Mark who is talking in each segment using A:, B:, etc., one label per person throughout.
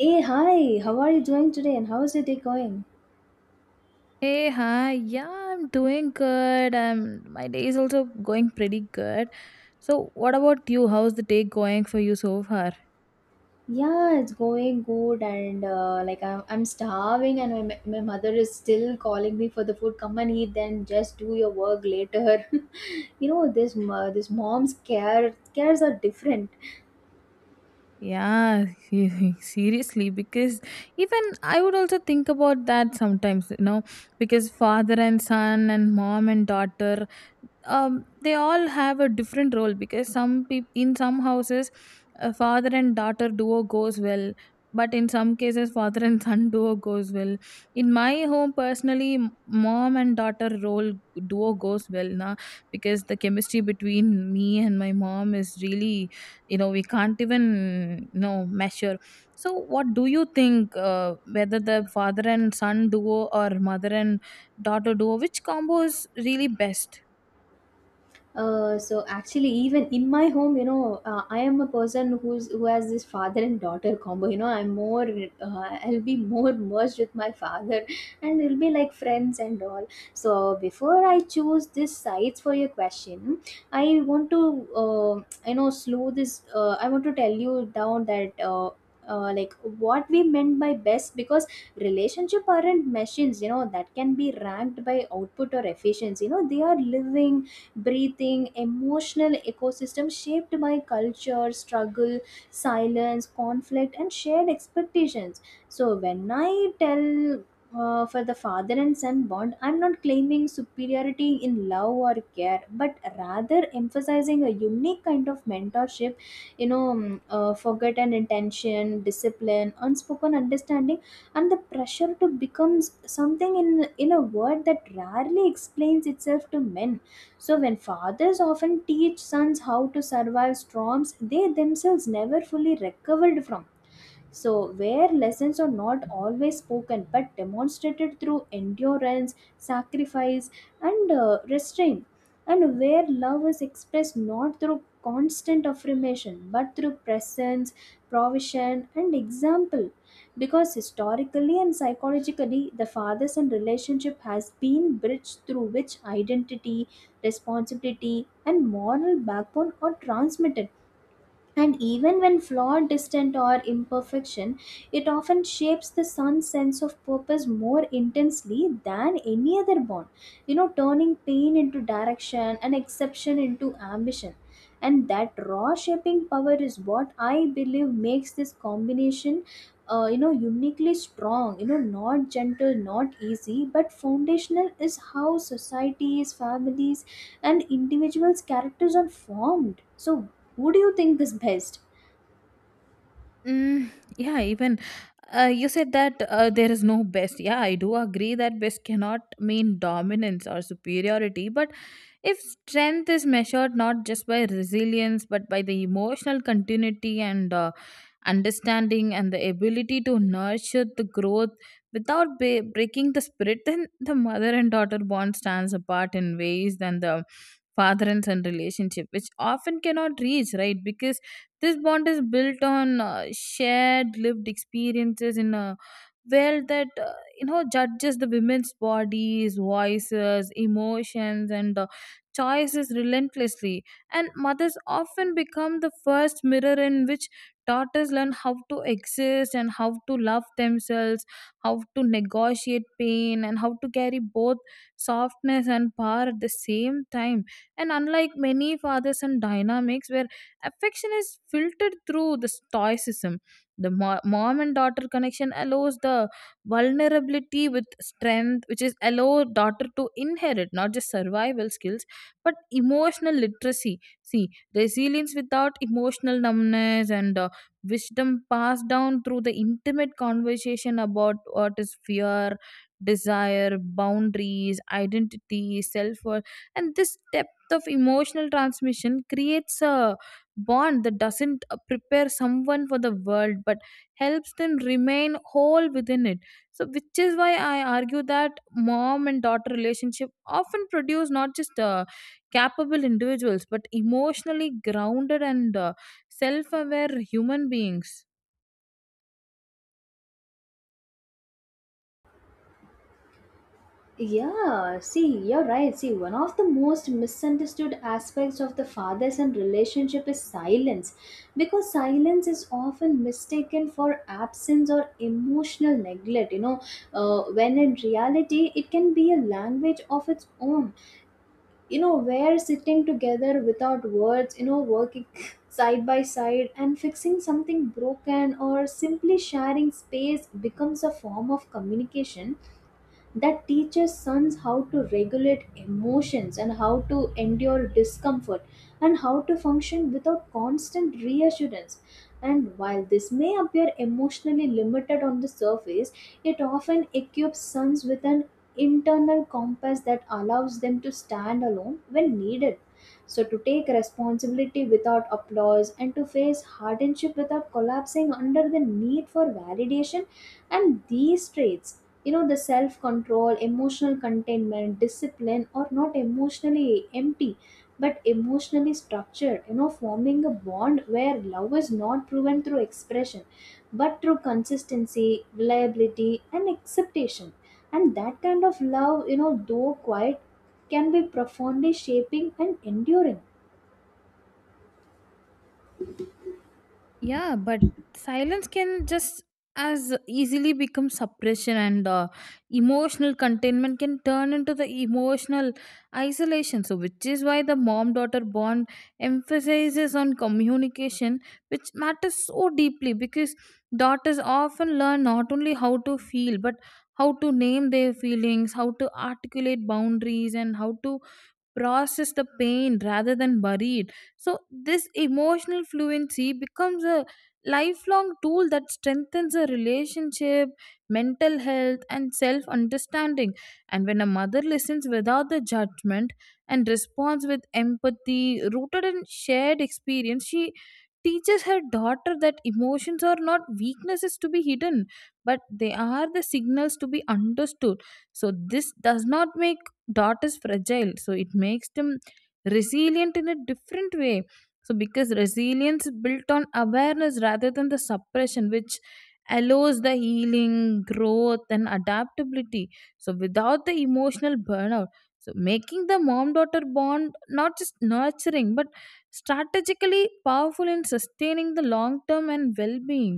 A: Hey, hi, how are you doing today and how is your day going?
B: Hey, hi. Yeah, I'm doing good. My day is also going pretty good. So, what about you? How's the day going for you so far?
A: Yeah, it's going good and like I'm starving and my mother is still calling me for the food. Come and eat then just do your work later. You know, this mom's care cares are different.
B: Yeah, seriously, because even I would also think about that sometimes, because father and son and mom and daughter, they all have a different role because some people in some houses, a father and daughter duo goes well, but in some cases, father and son duo goes well. In my home, personally, mom and daughter role duo goes well, na, because the chemistry between me and my mom is really we can't even measure. So what do you think, whether the father and son duo or mother and daughter duo, which combo is really best?
A: So actually, even in my home, you know, I am a person who has this father and daughter combo. You know, I'm more, I'll be more merged with my father, and it'll be like friends and all. So before I choose these sites for your question, I want to, uh, you know, slow this. I want to tell you down that. Like what we meant by best because relationship aren't machines, you know, that can be ranked by output or efficiency. You know, they are living, breathing, emotional ecosystem shaped by culture, struggle, silence, conflict, and shared expectations. So when I tell, for the father and son bond, I'm not claiming superiority in love or care, but rather emphasizing a unique kind of mentorship, you know, forgotten intention, discipline, unspoken understanding, and the pressure to become something in a word that rarely explains itself to men. So, when fathers often teach sons how to survive storms they themselves never fully recovered from, so, where lessons are not always spoken but demonstrated through endurance, sacrifice, and restraint, and where love is expressed not through constant affirmation but through presence, provision, and example. Because historically and psychologically, the father son relationship has been bridged through which identity, responsibility, and moral backbone are transmitted, and even when flawed, distant, or imperfection, it often shapes the son's sense of purpose more intensely than any other bond, you know, turning pain into direction and exception into ambition. And that raw shaping power is what I believe makes this combination, you know, uniquely strong. You know, not gentle, not easy, but foundational, is how societies, families, and individuals characters are formed. So who do you think is best?
B: Mm, yeah, even you said that there is no best. Yeah, I do agree that best cannot mean dominance or superiority, but if strength is measured not just by resilience but by the emotional continuity and understanding and the ability to nurture the growth without breaking the spirit, then the mother and daughter bond stands apart in ways than the father and son relationship, which often cannot reach, right? Because this bond is built on shared lived experiences in a world that judges the women's bodies, voices, emotions, and choices relentlessly. And mothers often become the first mirror in which daughters learn how to exist and how to love themselves, how to negotiate pain, and how to carry both softness and power at the same time. And unlike many father son dynamics where affection is filtered through the stoicism, the mom and daughter connection allows the vulnerability with strength, which is allow daughter to inherit not just survival skills but emotional literacy, see, resilience without emotional numbness and wisdom passed down through the intimate conversation about what is fear, desire, boundaries, identity, self worth. And this depth of emotional transmission creates a bond that doesn't prepare someone for the world but helps them remain whole within it. So which is why I argue that mom and daughter relationship often produce not just capable individuals but emotionally grounded and self-aware human beings.
A: Yeah, see, you're right. See, one of the most misunderstood aspects of the father son relationship is silence, because silence is often mistaken for absence or emotional neglect, you know, when in reality it can be a language of its own. You know, we're sitting together without words, you know, working side by side and fixing something broken or simply sharing space becomes a form of communication that teaches sons how to regulate emotions and how to endure discomfort and how to function without constant reassurance. And while this may appear emotionally limited on the surface, it often equips sons with an internal compass that allows them to stand alone when needed. So, to take responsibility without applause and to face hardship without collapsing under the need for validation, and these traits, you know, the self control, emotional containment, discipline, or not emotionally empty but emotionally structured, you know, forming a bond where love is not proven through expression but through consistency, reliability, and acceptation. And that kind of love, you know, though quiet, can be profoundly shaping and enduring.
B: Yeah, but silence can just as easily become suppression, and emotional containment can turn into the emotional isolation. So, which is why the mom daughter bond emphasizes on communication, which matters so deeply because daughters often learn not only how to feel but how to name their feelings, how to articulate boundaries, and how to process the pain rather than bury it. So this emotional fluency becomes a lifelong tool that strengthens a relationship, mental health, and self understanding. And when a mother listens without the judgment and responds with empathy rooted in shared experience, she teaches her daughter that emotions are not weaknesses to be hidden but they are the signals to be understood. So this does not make dot is fragile, so it makes them resilient in a different way. So because resilience built on awareness rather than the suppression, which allows the healing, growth, and adaptability, so without the emotional burnout, so making the mom daughter bond not just nurturing but strategically powerful in sustaining the long term and well being.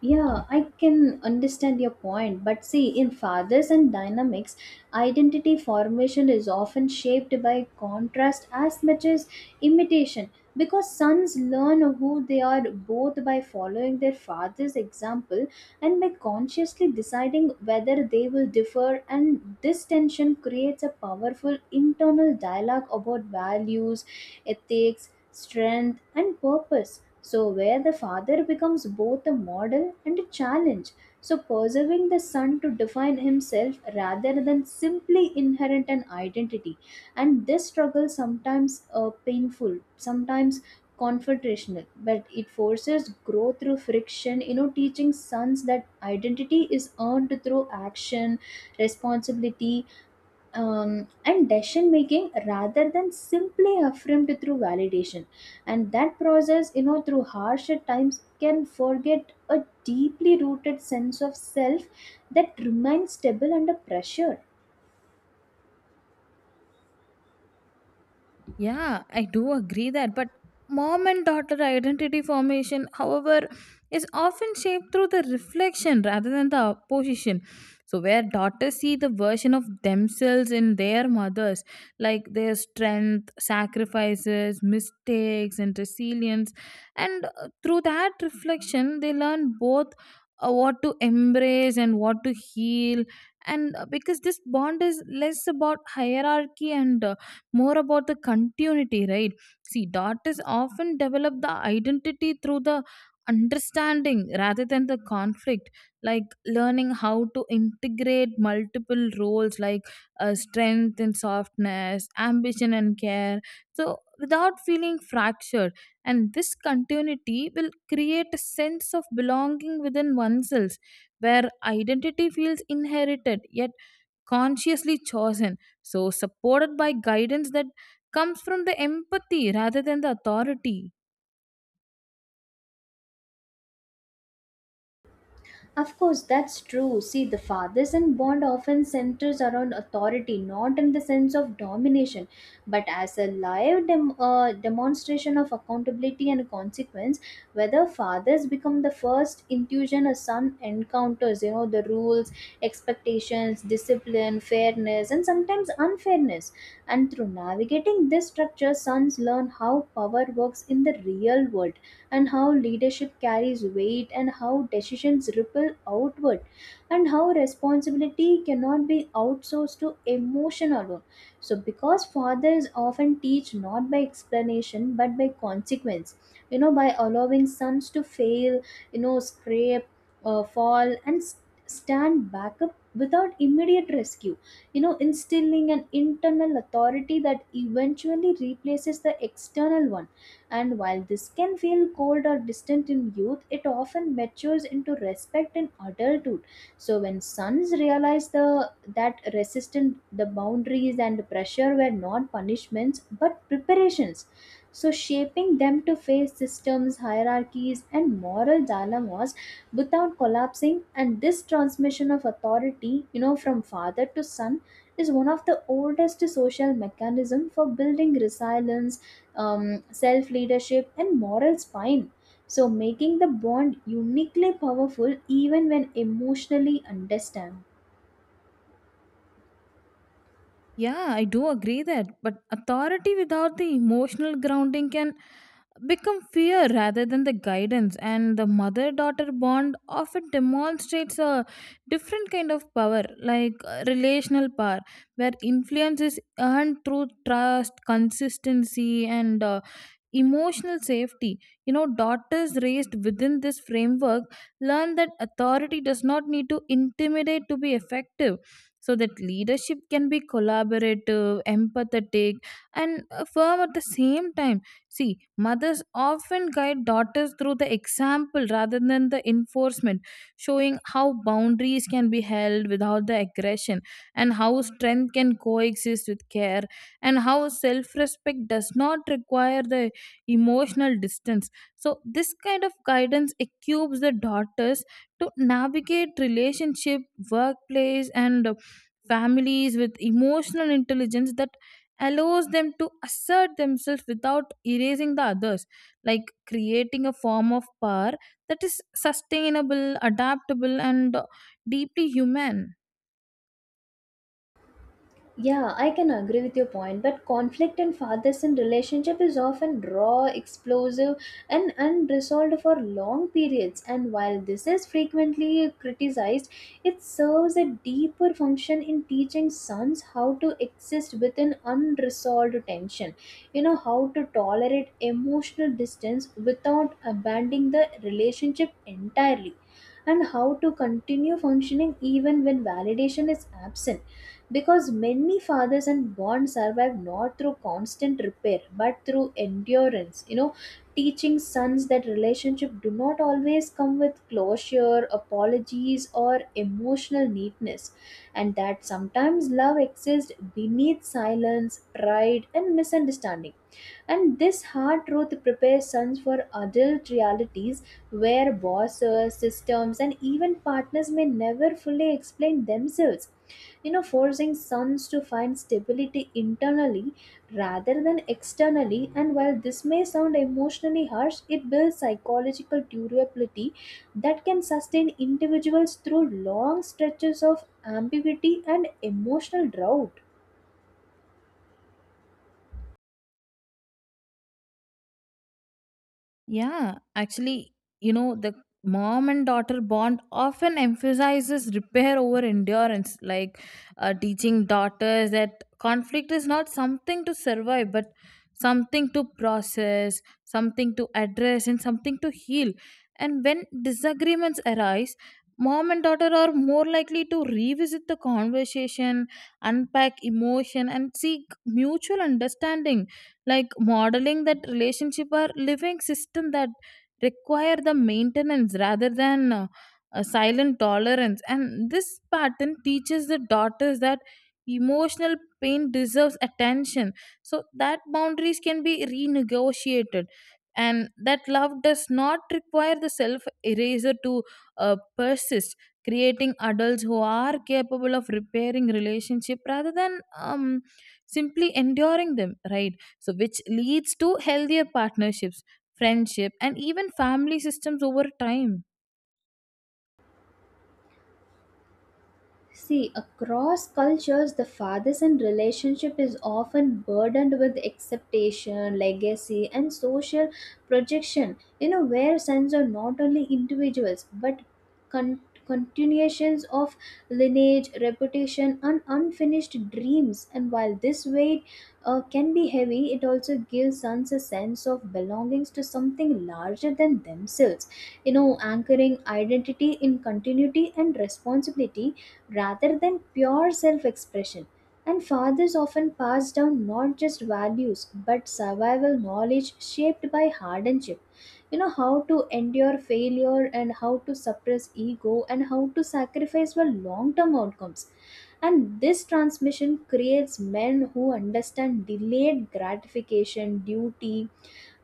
A: Yeah, I can understand your point, but see, in fathers and dynamics, identity formation is often shaped by contrast as much as imitation, because sons learn who they are both by following their father's example and by consciously deciding whether they will differ, and this tension creates a powerful internal dialogue about values, ethics, strength, and purpose, so, where the father becomes both a model and a challenge. So, preserving the son to define himself rather than simply inherit an identity. And this struggle sometimes painful, sometimes confrontational, but it forces growth through friction, you know, teaching sons that identity is earned through action, responsibility, and decision making rather than simply affirmed through validation. And that process, you know, through harsher times can forget a deeply rooted sense of self that remains stable under pressure.
B: Yeah, I do agree that, but mom and daughter identity formation, however, is often shaped through the reflection rather than the opposition. So, where daughters see the version of themselves in their mothers, like their strength, sacrifices, mistakes, and resilience, and through that reflection, they learn both what to embrace and what to heal. And because this bond is less about hierarchy and more about the continuity, right? See, daughters often develop the identity through the understanding rather than the conflict, like learning how to integrate multiple roles like strength and softness, ambition and care, so without feeling fractured. And this continuity will create a sense of belonging within oneself where identity feels inherited yet consciously chosen, so supported by guidance that comes from the empathy rather than the authority.
A: Of course, that's true. See, the father son bond often centers around authority, not in the sense of domination, but as a demonstration of accountability and consequence. Whether fathers become the first intuition a son encounters, you know, the rules, expectations, discipline, fairness, and sometimes unfairness. And through navigating this structure, sons learn how power works in the real world and how leadership carries weight and how decisions ripple outward and how responsibility cannot be outsourced to emotion alone. So because fathers often teach not by explanation but by consequence, you know, by allowing sons to fail, you know, scrape, fall and stand back up without immediate rescue, you know, instilling an internal authority that eventually replaces the external one. And while this can feel cold or distant in youth, it often matures into respect in adulthood. So when sons realize the that resistance, the boundaries and pressure were not punishments but preparations. So shaping them to face systems, hierarchies, and moral dilemmas without collapsing, and this transmission of authority, you know, from father to son, is one of the oldest social mechanism for building resilience, self leadership, and moral spine. So, making the bond uniquely powerful even when emotionally understamped.
B: Yeah, I do agree that, but authority without the emotional grounding can become fear rather than the guidance, and the mother daughter bond often demonstrates a different kind of power, like relational power, where influence is earned through trust, consistency, and emotional safety. You know, daughters raised within this framework learn that authority does not need to intimidate to be effective, so that leadership can be collaborative, empathetic, and firm at the same time. See, mothers often guide daughters through the example rather than the enforcement, showing how boundaries can be held without the aggression, and how strength can coexist with care, and how self-respect does not require the emotional distance. So this kind of guidance equips the daughters to navigate relationship, workplace, and families with emotional intelligence that allows them to assert themselves without erasing the others, like creating a form of power that is sustainable, adaptable, and deeply human.
A: Yeah, I can agree with your point, but conflict in father son relationship is often raw, explosive, and unresolved for long periods. And while this is frequently criticized, it serves a deeper function in teaching sons how to exist within unresolved tension. You know, how to tolerate emotional distance without abandoning the relationship entirely, and how to continue functioning even when validation is absent, because many fathers and bonds survive not through constant repair but through endurance. You know, teaching sons that relationship do not always come with closure, apologies, or emotional neatness, and that sometimes love exists beneath silence, pride, and misunderstanding. And this hard truth prepares sons for adult realities where bosses, systems, and even partners may never fully explain themselves, you know, forcing sons to find stability internally rather than externally. And while this may sound emotionally harsh, it builds psychological durability that can sustain individuals through long stretches of ambiguity and emotional drought.
B: Yeah, actually, you know, the mom and daughter bond often emphasizes repair over endurance, like teaching daughters that conflict is not something to survive, but something to process, something to address, and something to heal. And when disagreements arise, mom and daughter are more likely to revisit the conversation, unpack emotion, and seek mutual understanding, like modeling that relationship or living system that require the maintenance rather than a silent tolerance. And this pattern teaches the daughters that emotional pain deserves attention, so that boundaries can be renegotiated, and that love does not require the self eraser to persist, creating adults who are capable of repairing relationship rather than simply enduring them, right? So which leads to healthier partnerships, friendship, and even family systems over time.
A: See, across cultures, the father son relationship is often burdened with acceptation, legacy, and social projection. You know, where sons are not only individuals but con- continuations of lineage, reputation, and unfinished dreams. And while this weight, can be heavy, it also gives sons a sense of belongings to something larger than themselves. You know, anchoring identity in continuity and responsibility rather than pure self expression. And fathers often pass down not just values but survival knowledge shaped by hardship. You know, how to endure failure and how to suppress ego and how to sacrifice for long term outcomes. And this transmission creates men who understand delayed gratification, duty,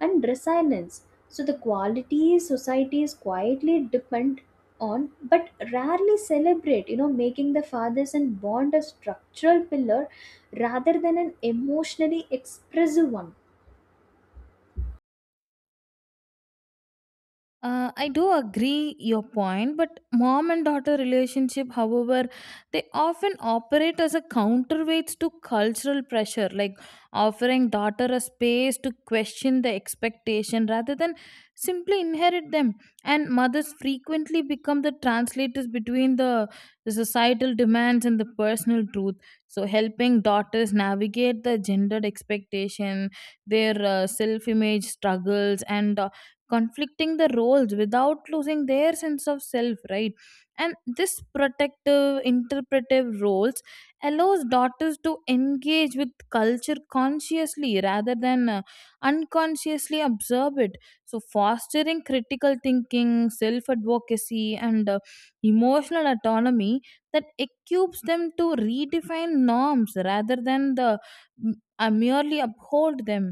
A: and resilience. So, the qualities societies quietly depend on but rarely celebrate, you know, making the fathers and bond a structural pillar rather than an emotionally expressive one.
B: I do agree your point, but mom and daughter relationship, however, they often operate as a counterweights to cultural pressure, like offering daughter a space to question the expectation rather than simply inherit them. And mothers frequently become the translators between the societal demands and the personal truth. So helping daughters navigate the gendered expectation, their self-image struggles, and conflicting the roles without losing their sense of self, right? And this protective interpretive roles allows daughters to engage with culture consciously rather than unconsciously observe it, so fostering critical thinking, self advocacy, and emotional autonomy that equips them to redefine norms rather than the merely uphold them.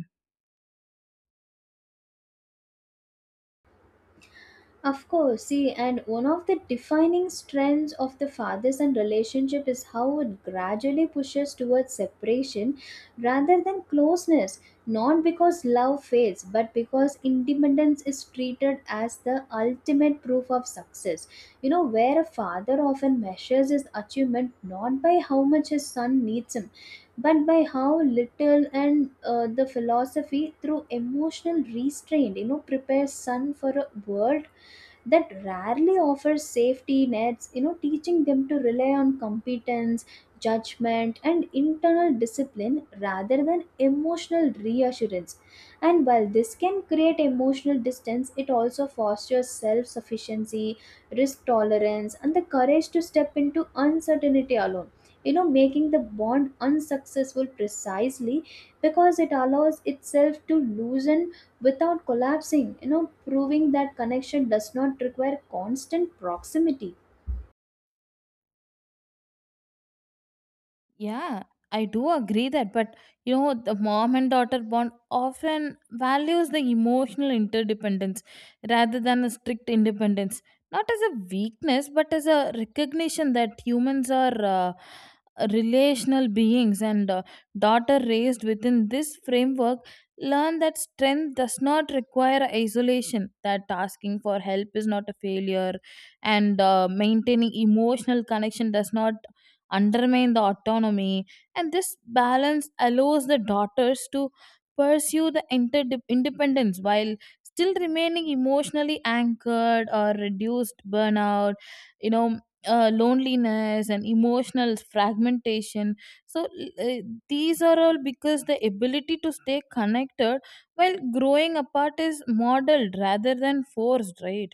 A: Of course, see, and one of the defining strengths of the father son relationship is how it gradually pushes towards separation rather than closeness. Not because love fades, but because independence is treated as the ultimate proof of success. You know, where a father often measures his achievement not by how much his son needs him, but by how little. And the philosophy through emotional restraint, you know, prepares son for a world that rarely offers safety nets, you know, teaching them to rely on competence, judgment, and internal discipline rather than emotional reassurance. And while this can create emotional distance, it also fosters self sufficiency, risk tolerance, and the courage to step into uncertainty alone, you know, making the bond unsuccessful precisely because it allows itself to loosen without collapsing, you know, proving that connection does not require constant proximity.
B: Yeah, I do agree that, but you know, the mom and daughter bond often values the emotional interdependence rather than a strict independence, not as a weakness, but as a recognition that humans are relational beings, and daughter raised within this framework learn that strength does not require isolation, that asking for help is not a failure, and maintaining emotional connection does not undermine the autonomy. And this balance allows the daughters to pursue the independence while still remaining emotionally anchored or reduced burnout, you know, loneliness and emotional fragmentation. So, uh, these are all because the ability to stay connected while growing apart is modeled rather than forced, right?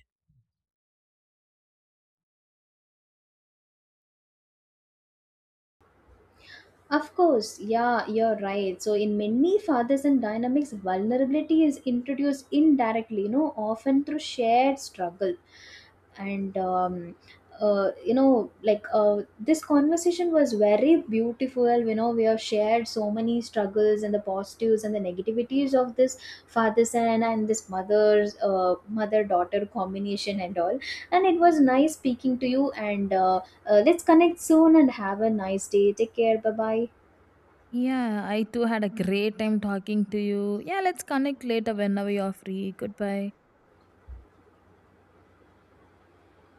A: Of course, yeah, you're right. So, in many fathers and dynamics, vulnerability is introduced indirectly, you know, often through shared struggle. And, you know, like this conversation was very beautiful. You know, we have shared so many struggles and the positives and the negativities of this father son and this mother's mother daughter combination and all. And it was nice speaking to you. And let's connect soon and have a nice day. Take care. Bye bye.
B: Yeah, I too had a great time talking to you. Yeah, let's connect later whenever you're free. Goodbye.